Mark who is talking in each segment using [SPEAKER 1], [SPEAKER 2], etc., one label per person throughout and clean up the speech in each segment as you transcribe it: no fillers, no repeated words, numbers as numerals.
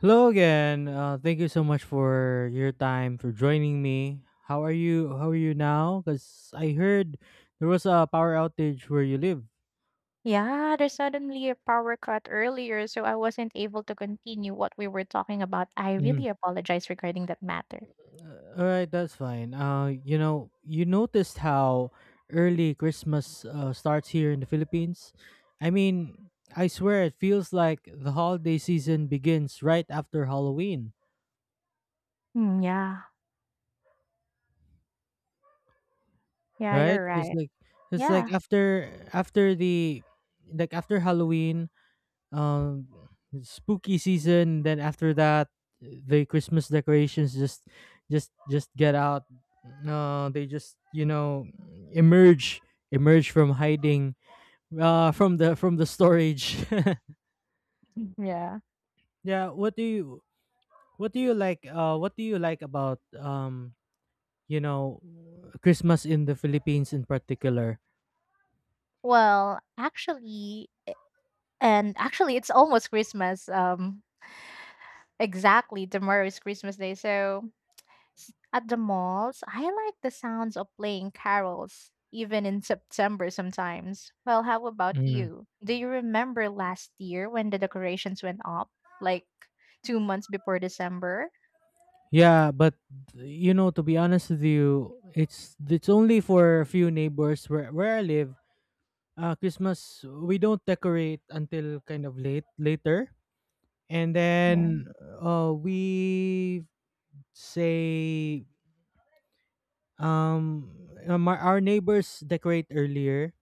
[SPEAKER 1] Hello again. Thank you so much for your time for joining me. How are you? How are you now? Because I heard there was a power outage where you live.
[SPEAKER 2] Yeah, there's suddenly a power cut earlier, so I wasn't able to continue what we were talking about. I
[SPEAKER 1] Mhm.
[SPEAKER 2] really apologize regarding that matter.
[SPEAKER 1] All right, that's fine. You know, you noticed how early Christmas starts here in the Philippines. I mean, I swear it feels like the holiday season begins right after Halloween.
[SPEAKER 2] Yeah, yeah,
[SPEAKER 1] Right?
[SPEAKER 2] you're right.
[SPEAKER 1] It's like
[SPEAKER 2] Yeah,
[SPEAKER 1] after after the like after Halloween, um spooky season, then after that the christmas decorations just just get out. No, they just, you know, emerge emerge from hiding, from the, from the storage.
[SPEAKER 2] yeah.
[SPEAKER 1] Yeah, what do you like, what do you like about, you know, Christmas in the Philippines in particular?
[SPEAKER 2] Well, actually, actually, it's almost Christmas. Exactly, tomorrow is Christmas Day, so at the malls, I like the sounds of playing carols, even in September sometimes. Well, how about
[SPEAKER 1] Mm.
[SPEAKER 2] you? Do you remember last year when the decorations went up, like 2 months before December?
[SPEAKER 1] Yeah, but you know, to be honest with you, it's only for a few neighbors where I live. Christmas we don't decorate until kind of late, later. And
[SPEAKER 2] Yeah.
[SPEAKER 1] then we say, um our neighbors decorate earlier,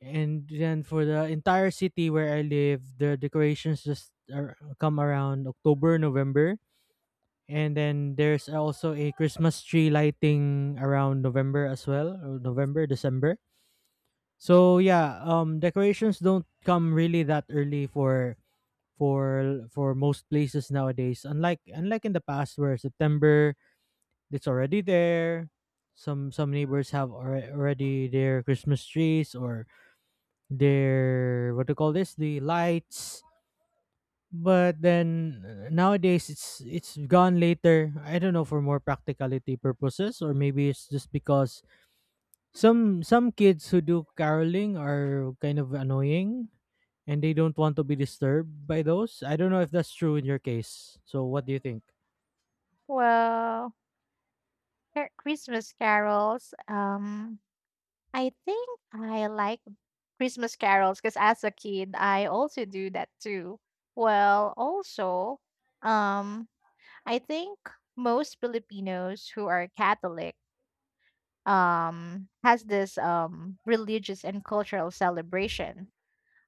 [SPEAKER 1] and then for the entire city where I live the decorations just are, come around october, november. And then there's also a christmas tree lighting around november as well, or november, december. So yeah, decorations don't come really that early for most places nowadays, unlike in the past where september it's already there. Some neighbors have already their christmas trees or their, what do you call this, the lights. But then nowadays it's gone later, I don't know, for more practicality purposes, or maybe it's just because some kids who do caroling are kind of annoying and they don't want to be disturbed by those. I don't know if that's true in your case. So what do you think?
[SPEAKER 2] Well, Christmas carols. I think I like Christmas carols because as a kid, I also do that too. Also, um, I think most Filipinos who are Catholic has this religious and cultural celebration.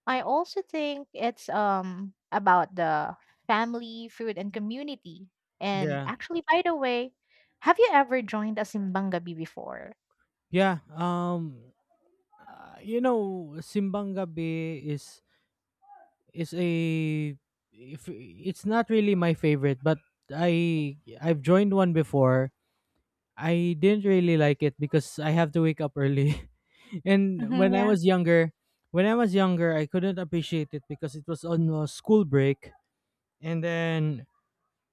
[SPEAKER 2] I also think it's about the family, food and community. And
[SPEAKER 1] Yeah.
[SPEAKER 2] actually, by the way, have you ever joined a simbang gabi before?
[SPEAKER 1] Yeah, you know, Simbang Gabi is a, if it's not really my favorite, but I I've joined one before. I didn't really like it because I have to wake up early. And
[SPEAKER 2] Mm-hmm,
[SPEAKER 1] when I
[SPEAKER 2] yeah,
[SPEAKER 1] was younger, I couldn't appreciate it because it was on a school break, and then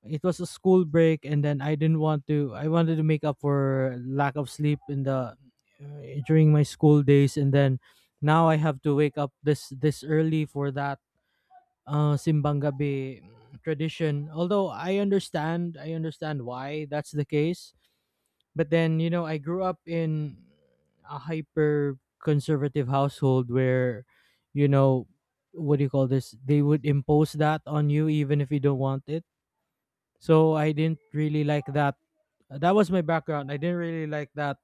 [SPEAKER 1] it was a school break and then I didn't want to, I wanted to make up for lack of sleep in the, during my school days, and then now I have to wake up this early for that simbang gabi tradition, although I understand, why that's the case. But then you know I grew up in a hyper conservative household where, you know, what do you call this, they would impose that on you even if you don't want it. So I didn't really like that. That was my background. I didn't really like that,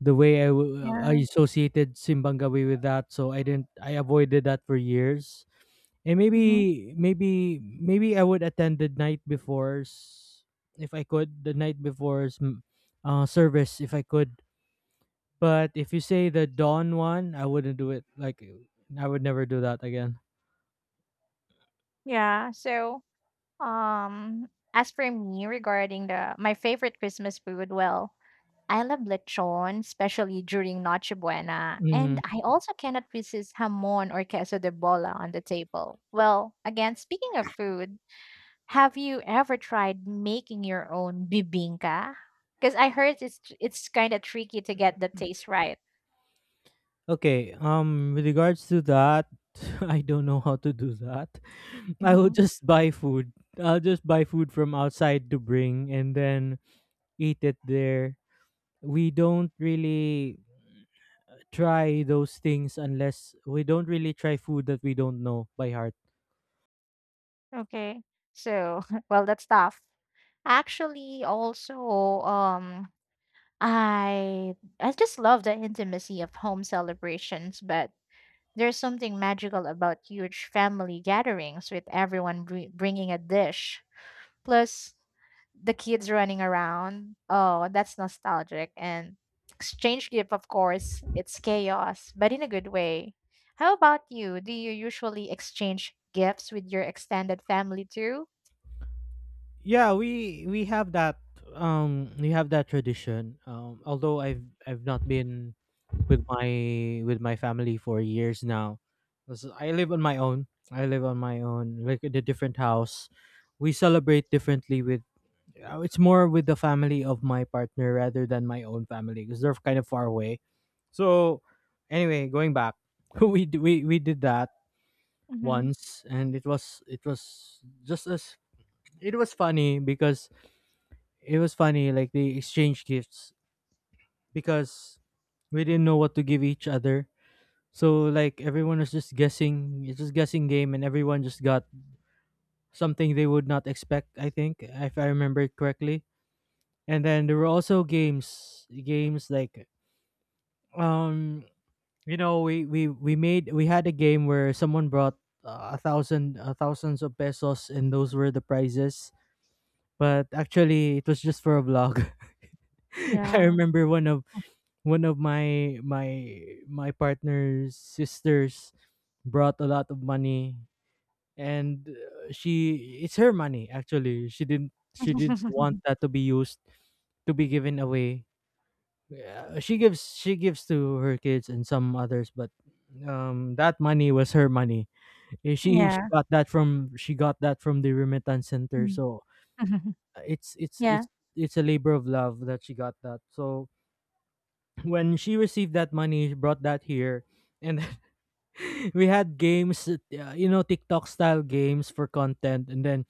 [SPEAKER 1] the way I, I
[SPEAKER 2] yeah,
[SPEAKER 1] associated Simbangawi with that. So I didn't. I avoided that for years. And
[SPEAKER 2] mm-hmm.
[SPEAKER 1] maybe I would attend the night before's, if I could. The night before's, service, if I could. But if you say the dawn one, I wouldn't do it. Like I would never do that again.
[SPEAKER 2] Yeah, so as for me regarding the my favorite Christmas food, well, I love lechon, especially during Noche Buena,
[SPEAKER 1] Hmm.
[SPEAKER 2] and I also cannot resist hamon or queso de bola on the table. Well, again, speaking of food, have you ever tried making your own bibingka? Because I heard it's kind of tricky to get the taste right.
[SPEAKER 1] Okay. With regards to that, I don't know how to do that. I will
[SPEAKER 2] Mhm.
[SPEAKER 1] just buy food. I'll just buy food from outside to bring and then eat it there. We don't really try those things, unless, we don't really try food that we don't know by heart.
[SPEAKER 2] Okay, so well, that's tough. Actually, um, I just love the intimacy of home celebrations, but there's something magical about huge family gatherings with everyone bringing a dish. Plus, the kids running around. Oh, that's nostalgic. And exchange gift, of course, it's chaos, but in a good way. How about you? Do you usually exchange gifts with your extended family too?
[SPEAKER 1] Yeah, we have that, we have that tradition. Um, although I've not been with my, family for years now. 'Cause I live on my own. I live on my own, like in a different house. We celebrate differently with, uh, it's more with the family of my partner rather than my own family, because they're kind of far away. So anyway, going back, we, we did that
[SPEAKER 2] Mm-hmm.
[SPEAKER 1] once, and it was, just as, it was funny because, it was funny like they exchanged gifts, because we didn't know what to give each other. So like everyone was just guessing, it's just guessing game, and everyone just got something they would not expect, I think, if I remember it correctly. And then there were also games, like, um you know, we had a game where someone brought, a thousand, thousands of pesos, and those were the prizes. But actually it was just for a vlog. I
[SPEAKER 2] Yeah.
[SPEAKER 1] remember one of, my, partner's sisters brought a lot of money. And she, it's her money actually, she didn't, she didn't want that to be used, to be given away. Yeah, she gives, to her kids and some others, but, that money was her money. Eh, she,
[SPEAKER 2] Yeah.
[SPEAKER 1] she got that from the remittance center.
[SPEAKER 2] Mm.
[SPEAKER 1] So uh, it's it's
[SPEAKER 2] yeah.
[SPEAKER 1] it's it's a labor of love that she got that. So when she received that money, she brought that here, and we had games, you know, TikTok style games for content, and then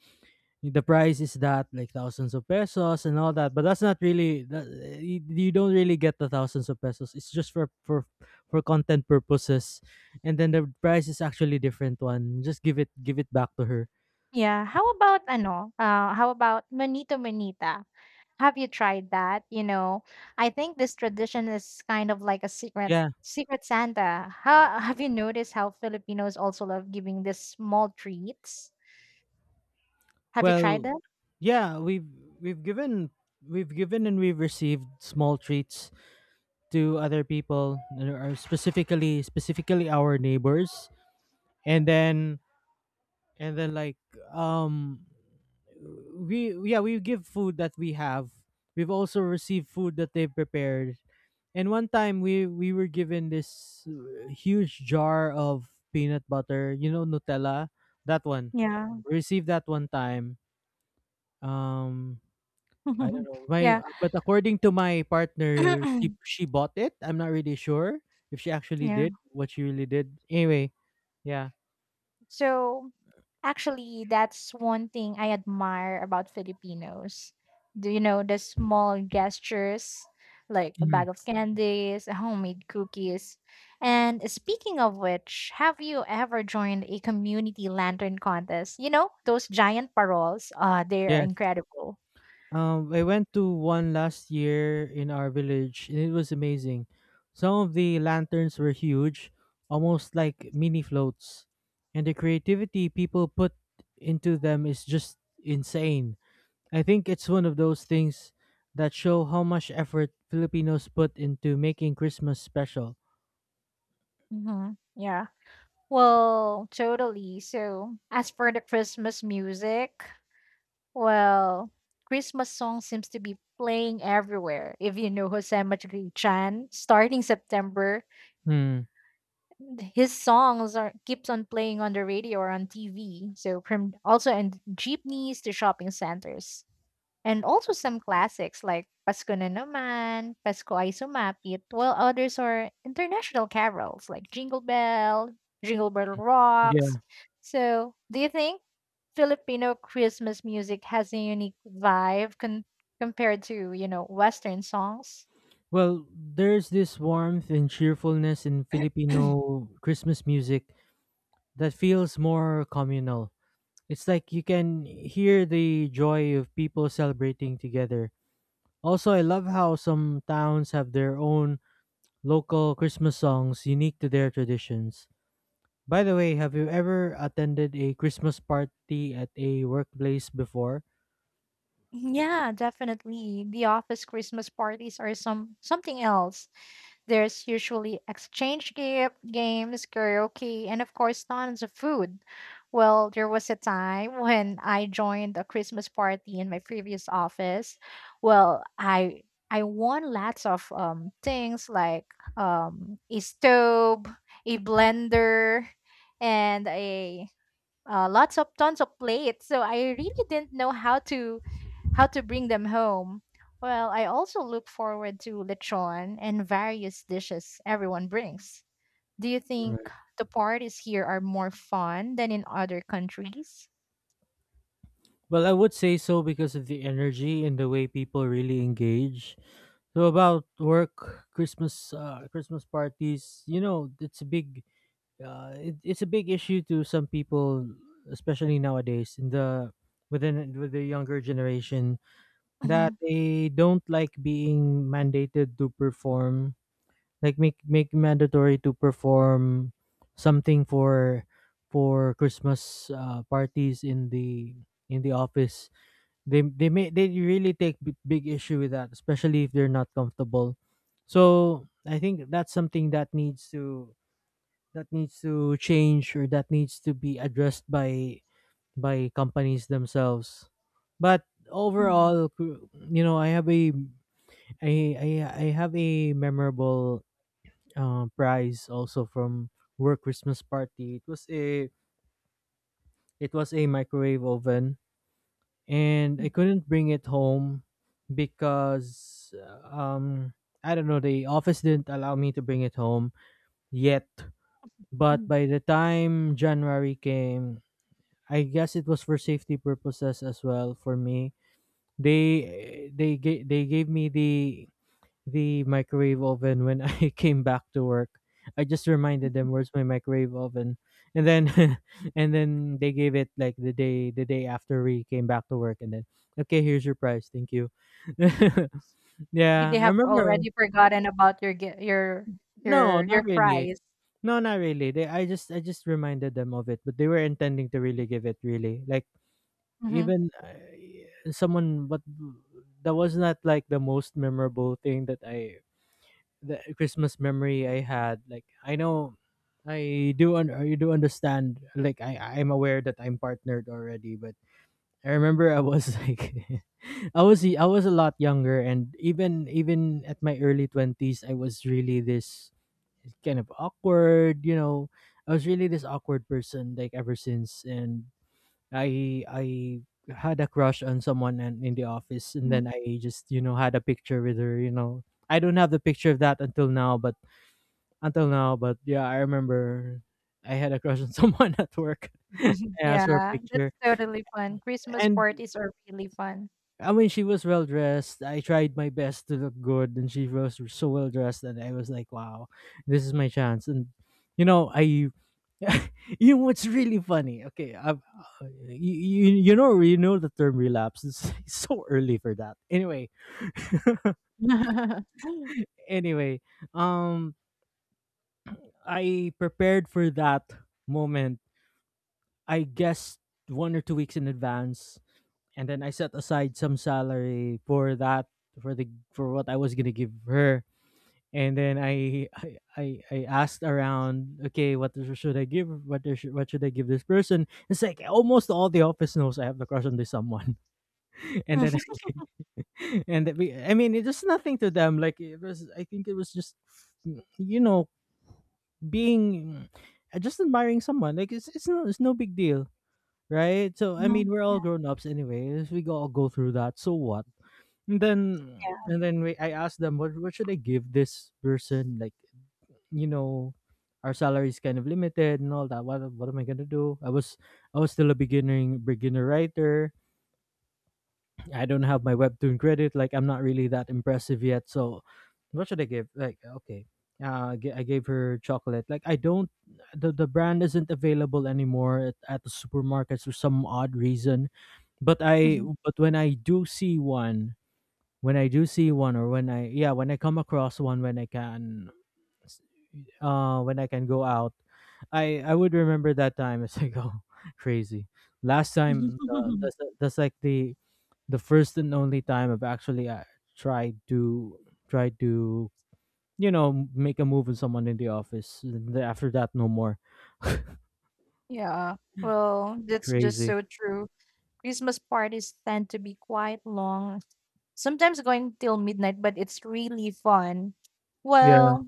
[SPEAKER 1] the price is that, like thousands of pesos and all that, but that's not really that, you don't really get the thousands of pesos, it's just for content purposes. And then the price is actually different, one just give it back to her.
[SPEAKER 2] Yeah. How about ano? How about manito manita? Have you tried that? You know, I think this tradition is kind of like a
[SPEAKER 1] Yeah,
[SPEAKER 2] secret Santa. How have you noticed how Filipinos also love giving these small treats? Have you tried
[SPEAKER 1] well,
[SPEAKER 2] them?
[SPEAKER 1] yeah we've we've given, and we've received small treats to other people, and, specifically, our neighbors. And then, like, um we, yeah, we give food that we have, we've also received food that they've prepared. And one time we, were given this, huge jar of peanut butter, you know, nutella, that one,
[SPEAKER 2] Yeah.
[SPEAKER 1] we received that one time. Um, I don't know, my,
[SPEAKER 2] yeah.
[SPEAKER 1] but according to my partner she, bought it, I'm not really sure if she actually
[SPEAKER 2] yeah.
[SPEAKER 1] did, what she really did. Anyway, yeah.
[SPEAKER 2] So actually, that's one thing I admire about Filipinos. Do you know the small gestures, like a
[SPEAKER 1] Mhm.
[SPEAKER 2] bag of candies, a homemade cookies? And speaking of which, have you ever joined a community lantern contest? You know, those giant paroles, they're
[SPEAKER 1] Yes.
[SPEAKER 2] incredible.
[SPEAKER 1] I went to one last year in our village, and it was amazing. Some of the lanterns were huge, almost like mini floats, and the creativity people put into them is just insane. I think it's one of those things that show how much effort Filipinos put into making Christmas special.
[SPEAKER 2] Mm-hmm. Yeah. Well, totally. So, as for the Christmas music, well, Christmas song seems to be playing everywhere. If you know Jose Madrigal-Chan, starting September,
[SPEAKER 1] Hmm.
[SPEAKER 2] his songs are keeps on playing on the radio or on TV. So from also in jeepneys to shopping centers and also some classics like Pasko na naman, Pasko ay sumapit, while others are international carols like Jingle Bell, Jingle Bell Rocks.
[SPEAKER 1] Yeah.
[SPEAKER 2] So, do you think Filipino Christmas music has a unique vibe compared to, you know, Western songs?
[SPEAKER 1] Well, there's this warmth and cheerfulness in Filipino Christmas music that feels more communal. It's like you can hear the joy of people celebrating together. Also, I love how some towns have their own local Christmas songs unique to their traditions. By the way, have you ever attended a Christmas party at a workplace before?
[SPEAKER 2] Yeah, definitely. The office Christmas parties are something else. There's usually exchange gift, games, karaoke, and of course tons of food. Well, there was a time when I joined a Christmas party in my previous office. Well, I won lots of things like a stove, a blender, and a lots of tons of plates. So I really didn't know how to bring them home. Well, I also look forward to lechon and various dishes everyone brings. Do you think
[SPEAKER 1] Right.
[SPEAKER 2] the parties here are more fun than in other countries?
[SPEAKER 1] Well, I would say so, because of the energy and the way people really engage. So about work Christmas, Christmas parties, you know, it's a big, it's a big issue to some people, especially nowadays in the, with the younger generation, that
[SPEAKER 2] Hmm.
[SPEAKER 1] they don't like being mandated to perform, like make mandatory to perform something for, Christmas parties in the, in the office. They may they really take big issue with that, especially if they're not comfortable. So I think that's something that needs to, that needs to change, or that needs to be addressed by, companies themselves. But overall, you know, I have a, I have a memorable, prize also from work christmas party. It was a, microwave oven, and I couldn't bring it home because, um I don't know, the office didn't allow me to bring it home yet. But by the time january came, I guess it was for safety purposes as well for me, they, they gave me the, microwave oven when I came back to work. I just reminded them, where's my microwave oven, and then and then they gave it like the day, the day after we came back to work, and then, okay, here's your prize, thank you.
[SPEAKER 2] Maybe
[SPEAKER 1] Yeah,
[SPEAKER 2] they
[SPEAKER 1] I
[SPEAKER 2] have
[SPEAKER 1] remember.
[SPEAKER 2] already forgotten about your your
[SPEAKER 1] No,
[SPEAKER 2] your
[SPEAKER 1] not
[SPEAKER 2] your
[SPEAKER 1] really.
[SPEAKER 2] prize.
[SPEAKER 1] No, not really. They, I just reminded them of it, but they were intending to really give it, really, like,
[SPEAKER 2] Hmm.
[SPEAKER 1] even I, someone, but that was not like the most memorable thing that I, the Christmas memory I had. Like I know, I do, I do understand, like, I'm aware that I'm partnered already, but I remember I was, like, I was, a lot younger. And even, at my early 20s I was really this kind of awkward, you know. I was really this awkward person, like, ever since. And I had a crush on someone and in the office, and then I just, you know, had a picture with her. You know, I don't have the picture of that until now, but, yeah, I remember, I had a crush on someone at work. I asked for a
[SPEAKER 2] Yeah, that's
[SPEAKER 1] picture,
[SPEAKER 2] totally fun. Christmas
[SPEAKER 1] and
[SPEAKER 2] parties are really fun.
[SPEAKER 1] I mean she was well dressed. I tried my best to look good, and she was so well dressed, and I was like, wow, this is my chance. And you know, I you know what's really funny? Okay, I've, you, you you know the term relapse is so early for that. Anyway, anyway, um, I prepared for that moment. I guess 1 or 2 weeks in advance, and then I set aside some salary for that for what I was gonna give her. And then I asked around, okay, should I give? What should I give this person? It's like almost all the office knows I have the crush on this someone. And then and then I mean it was nothing to them, like it was, I think it was just mm, you know being just admiring someone, like it's no big deal, right? So I
[SPEAKER 2] Mhm.
[SPEAKER 1] mean we're all grown ups anyway. We all go through that, so what. And then
[SPEAKER 2] Yeah.
[SPEAKER 1] and then I asked them what should I give this person, like, you know, our salary is kind of limited and all that. What am I going to do? I was I was still a beginning beginner writer. I don't have my webtoon credit. Like I'm not really that impressive yet. So what should I give? Like, okay, I gave her chocolate. Like I don't, the brand isn't available anymore at the supermarkets for some odd reason. But I
[SPEAKER 2] Mhm.
[SPEAKER 1] but when I do see one, when I do see one, or when I, yeah, when I come across one, when I can go out, I would remember that time as I go crazy. Last time, that's like the first and only time I've actually tried to tried to you know make a move with someone in the office. And then after that, no more
[SPEAKER 2] Yeah, well, that's just
[SPEAKER 1] crazy.
[SPEAKER 2] so true. Christmas parties tend to be quite long, sometimes going till midnight, but it's really fun.
[SPEAKER 1] Yeah,
[SPEAKER 2] Well,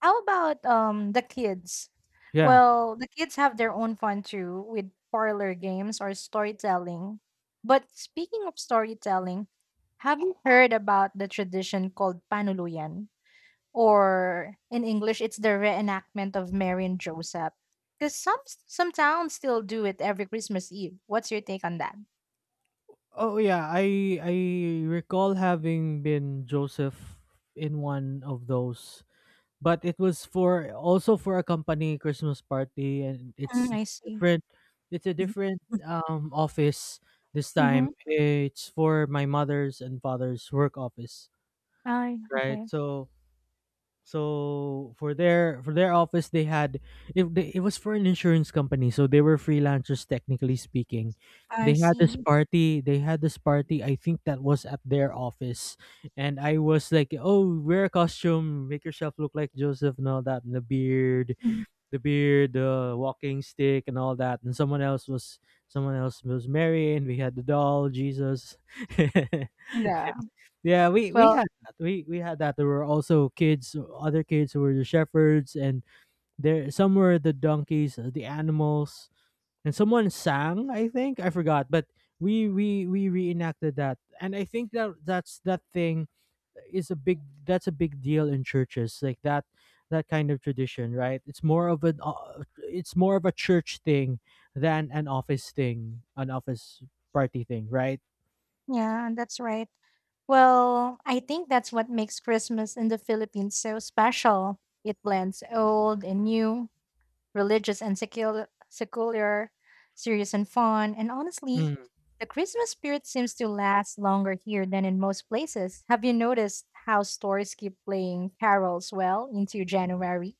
[SPEAKER 2] how about the kids?
[SPEAKER 1] yeah.
[SPEAKER 2] Well, the kids have their own fun too with parlor games or storytelling. But speaking of storytelling, have you heard about the tradition called Panuluyan? Or in English, it's the reenactment of Mary and Joseph. Because some towns still do it every Christmas Eve. What's your take on that?
[SPEAKER 1] Oh yeah, I recall having been Joseph in one of those, but it was for, also for, a company Christmas party, and it's
[SPEAKER 2] Mm, I see.
[SPEAKER 1] different. It's a different office this time.
[SPEAKER 2] Mm-hmm.
[SPEAKER 1] It's for my mother's and father's work office,
[SPEAKER 2] I
[SPEAKER 1] right?
[SPEAKER 2] okay.
[SPEAKER 1] So so for their office, they had, if they, it was for an insurance company, so they were freelancers technically speaking.
[SPEAKER 2] I
[SPEAKER 1] They had this
[SPEAKER 2] see.
[SPEAKER 1] party. They had this party. I think that was at their office, and I was like, "Oh, wear a costume, make yourself look like Joseph, and all that, and the beard,
[SPEAKER 2] Mhm.
[SPEAKER 1] the beard, the walking stick, and all that." And someone else was, someone else was Mary, and we had the doll, Jesus.
[SPEAKER 2] Yeah.
[SPEAKER 1] Yeah, we
[SPEAKER 2] Well,
[SPEAKER 1] had that. We had that. There were also kids, other kids who were the shepherds, and there some were the donkeys, the animals, and someone sang. I think I forgot, but we reenacted that, and I think that that thing is a big, that's a big deal in churches, like that that kind of tradition, right? It's more of a church thing than an office thing, an office party thing, right?
[SPEAKER 2] yeah, that's right. Well, I think that's what makes Christmas in the Philippines so special. It blends old and new, religious and secular, serious and fun. And honestly, the Christmas spirit seems to last longer here than in most places. Have you noticed how stores keep playing carols well into January?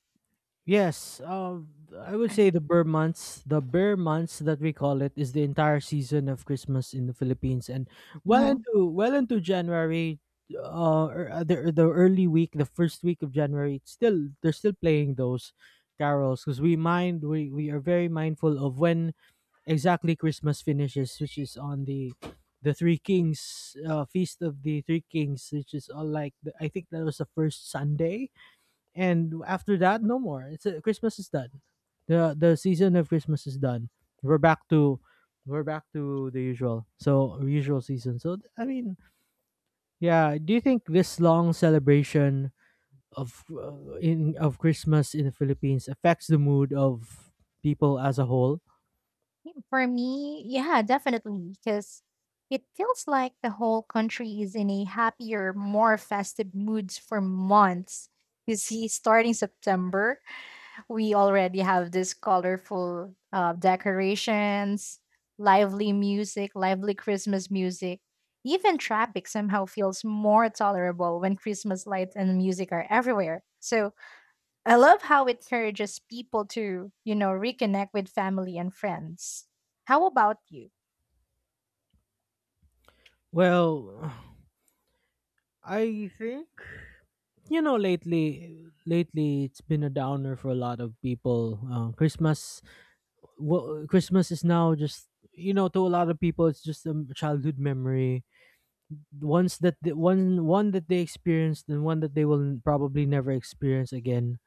[SPEAKER 1] Yes, I would say the Burr months that we call it, is the entire season of Christmas in the Philippines, and
[SPEAKER 2] Mhm.
[SPEAKER 1] well into January, or the early week, the first week of January, it's still, they're still playing those carols, because we mind, we are very mindful of when exactly Christmas finishes, which is on the Three Kings, feast of the Three Kings, which is all like the, I think that was the first Sunday. And after that, no more. It's, Christmas is done, the season of Christmas is done. We're back to, we're back to the usual, so usual season. So I mean, yeah, do you think this long celebration of, in of Christmas in the Philippines, affects the mood of people as a whole?
[SPEAKER 2] For me, yeah, definitely, because it feels like the whole country is in a happier, more festive moods for months. You see, starting September, we already have this colorful decorations, lively music, lively Christmas music. Even traffic somehow feels more tolerable when Christmas lights and music are everywhere. So I love how it encourages people to, you know, reconnect with family and friends. How about you?
[SPEAKER 1] Well, I think, you know, lately it's been a downer for a lot of people. Christmas, well, Christmas is now just, you know, to a lot of people, it's just a childhood memory. Ones that the one that they experienced and one that they will probably never experience again,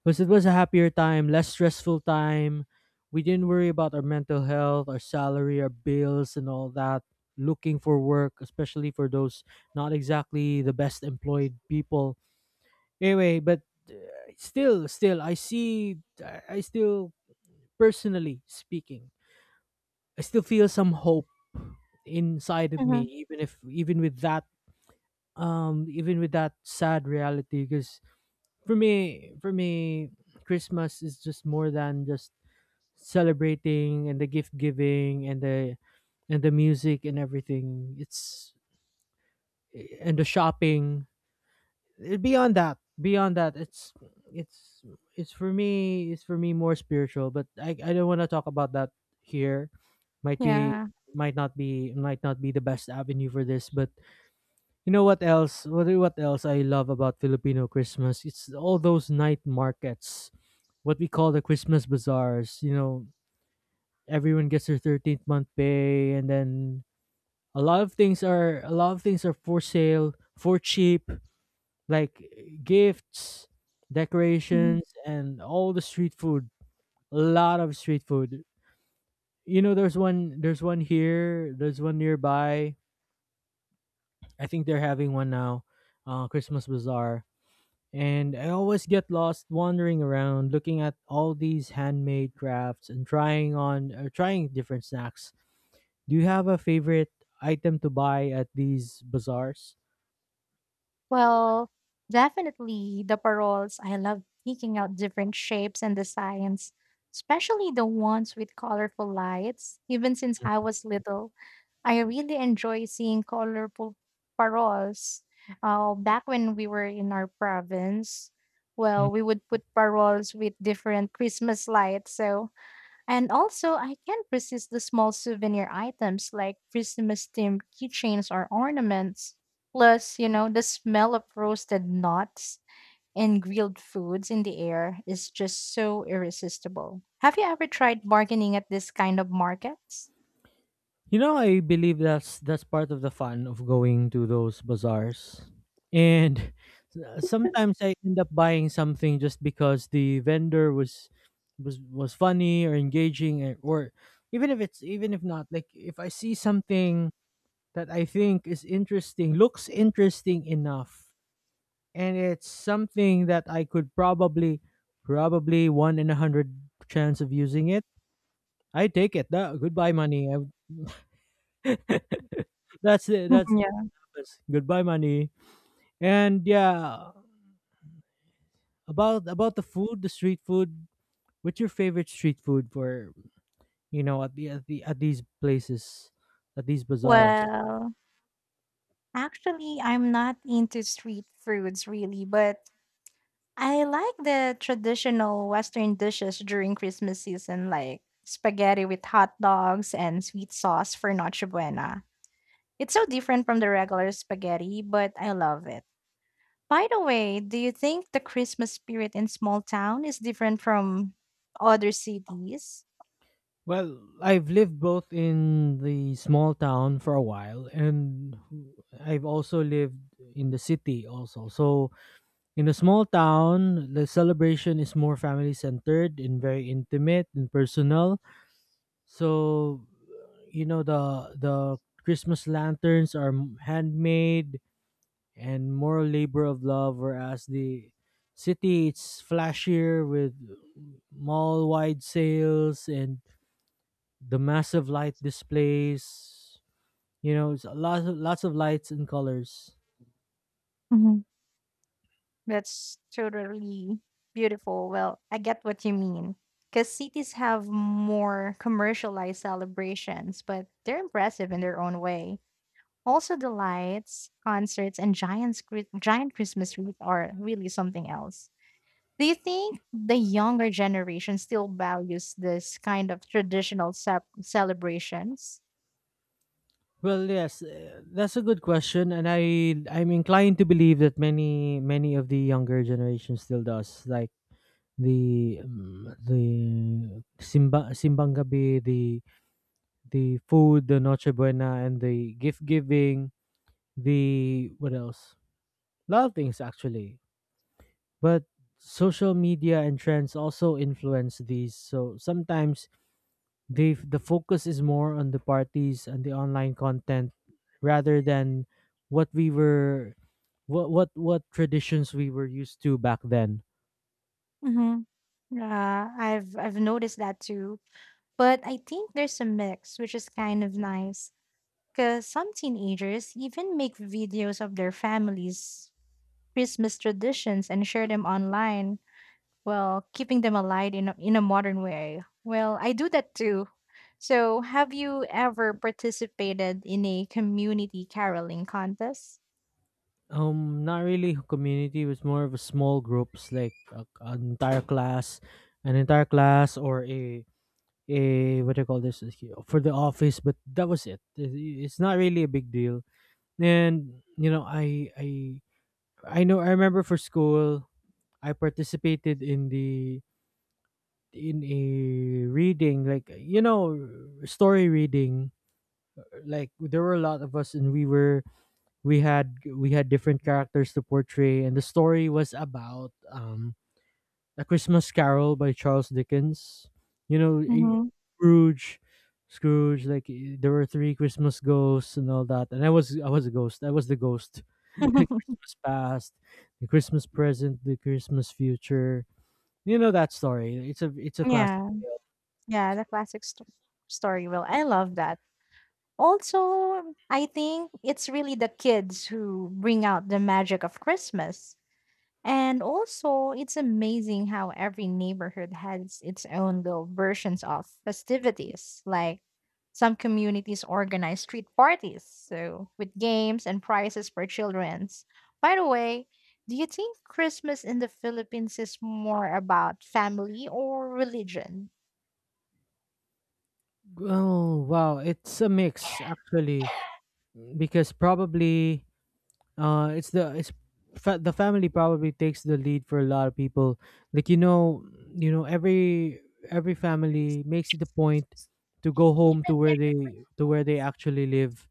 [SPEAKER 1] because it was a happier time, less stressful time. We didn't worry about our mental health, our salary, our bills, and all that. Looking for work, especially for those not exactly the best employed people. Anyway, but still, I see. I still, personally speaking, I still feel some hope inside of
[SPEAKER 2] Hmm.
[SPEAKER 1] me, even if, even with that even with that sad reality. Because for me, Christmas is just more than just celebrating and the gift giving and the music and everything. It's, and the shopping, beyond that, beyond that, it's it's, for me, it's, for me, more spiritual, but I don't want to talk about that here. Might be,
[SPEAKER 2] Yeah.
[SPEAKER 1] might not be, might not be the best avenue for this, but you know what else, what else I love about Filipino Christmas? It's all those night markets, what we call the Christmas bazaars, you know. Everyone gets their 13th month pay and then a lot of things are, a lot of things are for sale for cheap, like gifts, decorations, and all the street food. A lot of street food. You know, there's one. There's one here. There's one nearby. I think they're having one now. Christmas bazaar. And I always get lost wandering around, looking at all these handmade crafts and trying on, trying different snacks. Do you have a favorite item to buy at these bazaars?
[SPEAKER 2] Well, definitely the paroles. I love picking out different shapes and designs, especially the ones with colorful lights. Even since I was little, I really enjoy seeing colorful paroles. Back when we were in our province, well, we would put paroles with different Christmas lights. So and also, I can't resist the small souvenir items like Christmas themed keychains or ornaments. Plus, you know, the smell of roasted nuts and grilled foods in the air is just so irresistible. Have you ever tried bargaining at this kind of markets?
[SPEAKER 1] You know, I believe that's part of the fun of going to those bazaars. And sometimes I end up buying something just because the vendor was was funny or engaging and- or even if it's, even if not, like, if I see something that I think is interesting, looks interesting enough, and it's something that I could probably, probably, one in a hundred chance of using it, I take it. That, goodbye money. I, that's it. That's,
[SPEAKER 2] yeah.
[SPEAKER 1] yes. Goodbye, money. And yeah, about the food, the street food. What's your favorite street food for, you know, at the at the at these places, at these bazaars?
[SPEAKER 2] Well, actually, I'm not into street foods really, but I like the traditional Western dishes during Christmas season, like spaghetti with hot dogs and sweet sauce for Noche Buena. It's so different from the regular spaghetti, but I love it. By the way, do you think the Christmas spirit in small town is different from other cities?
[SPEAKER 1] Well, I've lived both in the small town for a while, and I've also lived in the city also. So in a small town, the celebration is more family centered and very intimate and personal. So you know, the Christmas lanterns are handmade and more labor of love, whereas the city, it's flashier with mall wide sales and the massive light displays. You know, it's a lot of, lots of lights and colors.
[SPEAKER 2] Mhm. That's totally beautiful. Well, I get what you mean. Because cities have more commercialized celebrations, but they're impressive in their own way. Also, the lights, concerts, and giant Christmas wreath are really something else. Do you think the younger generation still values this kind of traditional celebrations?
[SPEAKER 1] Well, yes, that's a good question, and I'm inclined to believe that many, many of the younger generation still does, like the simbang gabi, the food, the Noche Buena, and the gift giving, the what else? A lot of things actually. But social media and trends also influence these. So sometimes they, the focus is more on the parties and the online content rather than what we were, what traditions we were used to back then.
[SPEAKER 2] Mm-hmm. I've noticed that too. But I think there's a mix, which is kind of nice. Because some teenagers even make videos of their families' Christmas traditions and share them online. Well, keeping them alive in in a modern way. Well, I do that too. So, have you ever participated in a community caroling contest?
[SPEAKER 1] Not really community. It was more of a small groups, like a, an entire class or a what do you call this, for the office, but that was, it- it's not really a big deal. And you know, I I know, I remember for school, I participated in the, in a reading, like, you know, story reading. Like there were a lot of us, and we were, we had different characters to portray, and the story was about A Christmas Carol by Charles Dickens. You know,
[SPEAKER 2] Hmm.
[SPEAKER 1] Scrooge, Scrooge. Like, eh, there were three Christmas ghosts and all that, and I was a ghost. I was the ghost. Christmas past, the Christmas present, the Christmas future. You know that story. It's a classic.
[SPEAKER 2] yeah, yeah, the classic story. Well, I love that. Also, I think it's really the kids who bring out the magic of Christmas. And also, it's amazing how every neighborhood has its own little versions of festivities. Like some communities organize street parties, so with games and prizes for childrens. By the way, do you think Christmas in the Philippines is more about family or religion?
[SPEAKER 1] Oh wow, it's a mix actually, because probably it's fa- the family probably takes the lead for a lot of people, like, you know, you know, every family makes it a point to go home to where they, to where they actually live.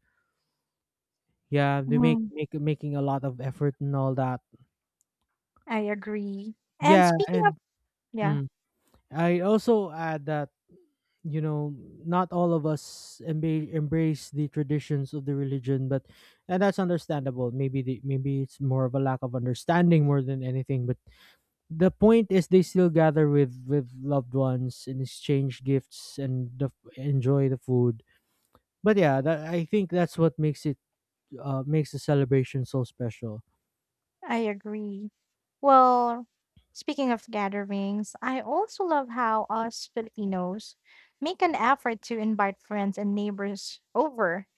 [SPEAKER 1] Yeah, they make,
[SPEAKER 2] Mhm,
[SPEAKER 1] make, making a lot of effort and all that.
[SPEAKER 2] I agree. And
[SPEAKER 1] Yeah,
[SPEAKER 2] speaking of,
[SPEAKER 1] and,
[SPEAKER 2] yeah.
[SPEAKER 1] mm, I also add that, you know, not all of us embrace the traditions of the religion, but, and that's understandable. Maybe the, maybe it's more of a lack of understanding more than anything, but the point is they still gather with loved ones and exchange gifts and the, enjoy the food. But yeah, that, I think that's what makes it, makes the celebration so special.
[SPEAKER 2] I agree. Well, speaking of gatherings, I also love how us Filipinos make an effort to invite friends and neighbors over.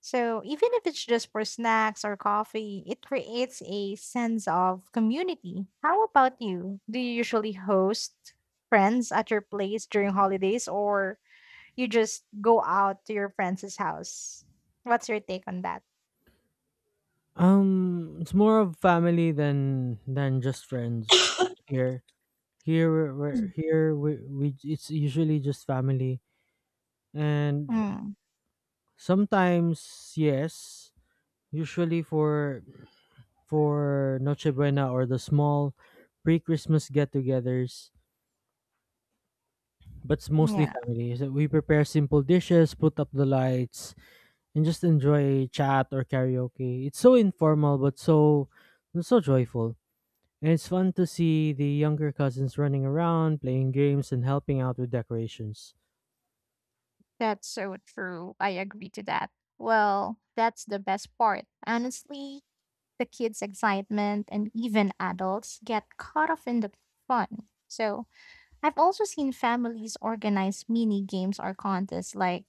[SPEAKER 2] So, even if it's just for snacks or coffee, it creates a sense of community. How about you? Do you usually host friends at your place during holidays, or you just go out to your friends' house? What's your take on that?
[SPEAKER 1] It's more of family than just friends here. Here we're
[SPEAKER 2] Mm.
[SPEAKER 1] here we, it's usually just family. And
[SPEAKER 2] Mm,
[SPEAKER 1] sometimes, yes, usually for Noche Buena or the small pre-Christmas get-togethers, but it's mostly
[SPEAKER 2] yeah.
[SPEAKER 1] family. So we prepare simple dishes, put up the lights, and just enjoy chat or karaoke. It's so informal but so so joyful. And it's fun to see the younger cousins running around, playing games and helping out with decorations.
[SPEAKER 2] That's so true. I agree to that. Well, that's the best part. Honestly, the kids' excitement and even adults get caught up in the fun. So, I've also seen families organize mini games or contests like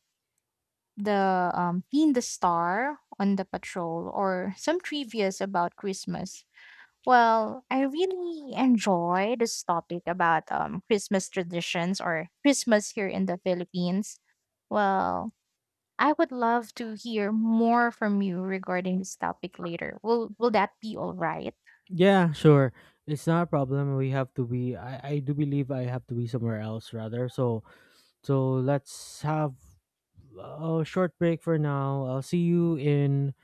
[SPEAKER 2] the Being the Star on the Patrol or some trivias about Christmas. Well, I really enjoy this topic about Christmas traditions or Christmas here in the Philippines. Well, I would love to hear more from you regarding this topic later. Will that be all right?
[SPEAKER 1] Yeah, sure. It's not a problem. We have to be, I do believe I have to be somewhere else, rather. So, so let's have a short break for now. I'll see you in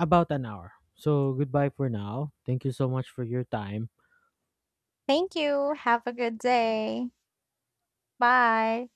[SPEAKER 1] about an hour. So goodbye for now. Thank you so much for your time.
[SPEAKER 2] Thank you. Have a good day. Bye.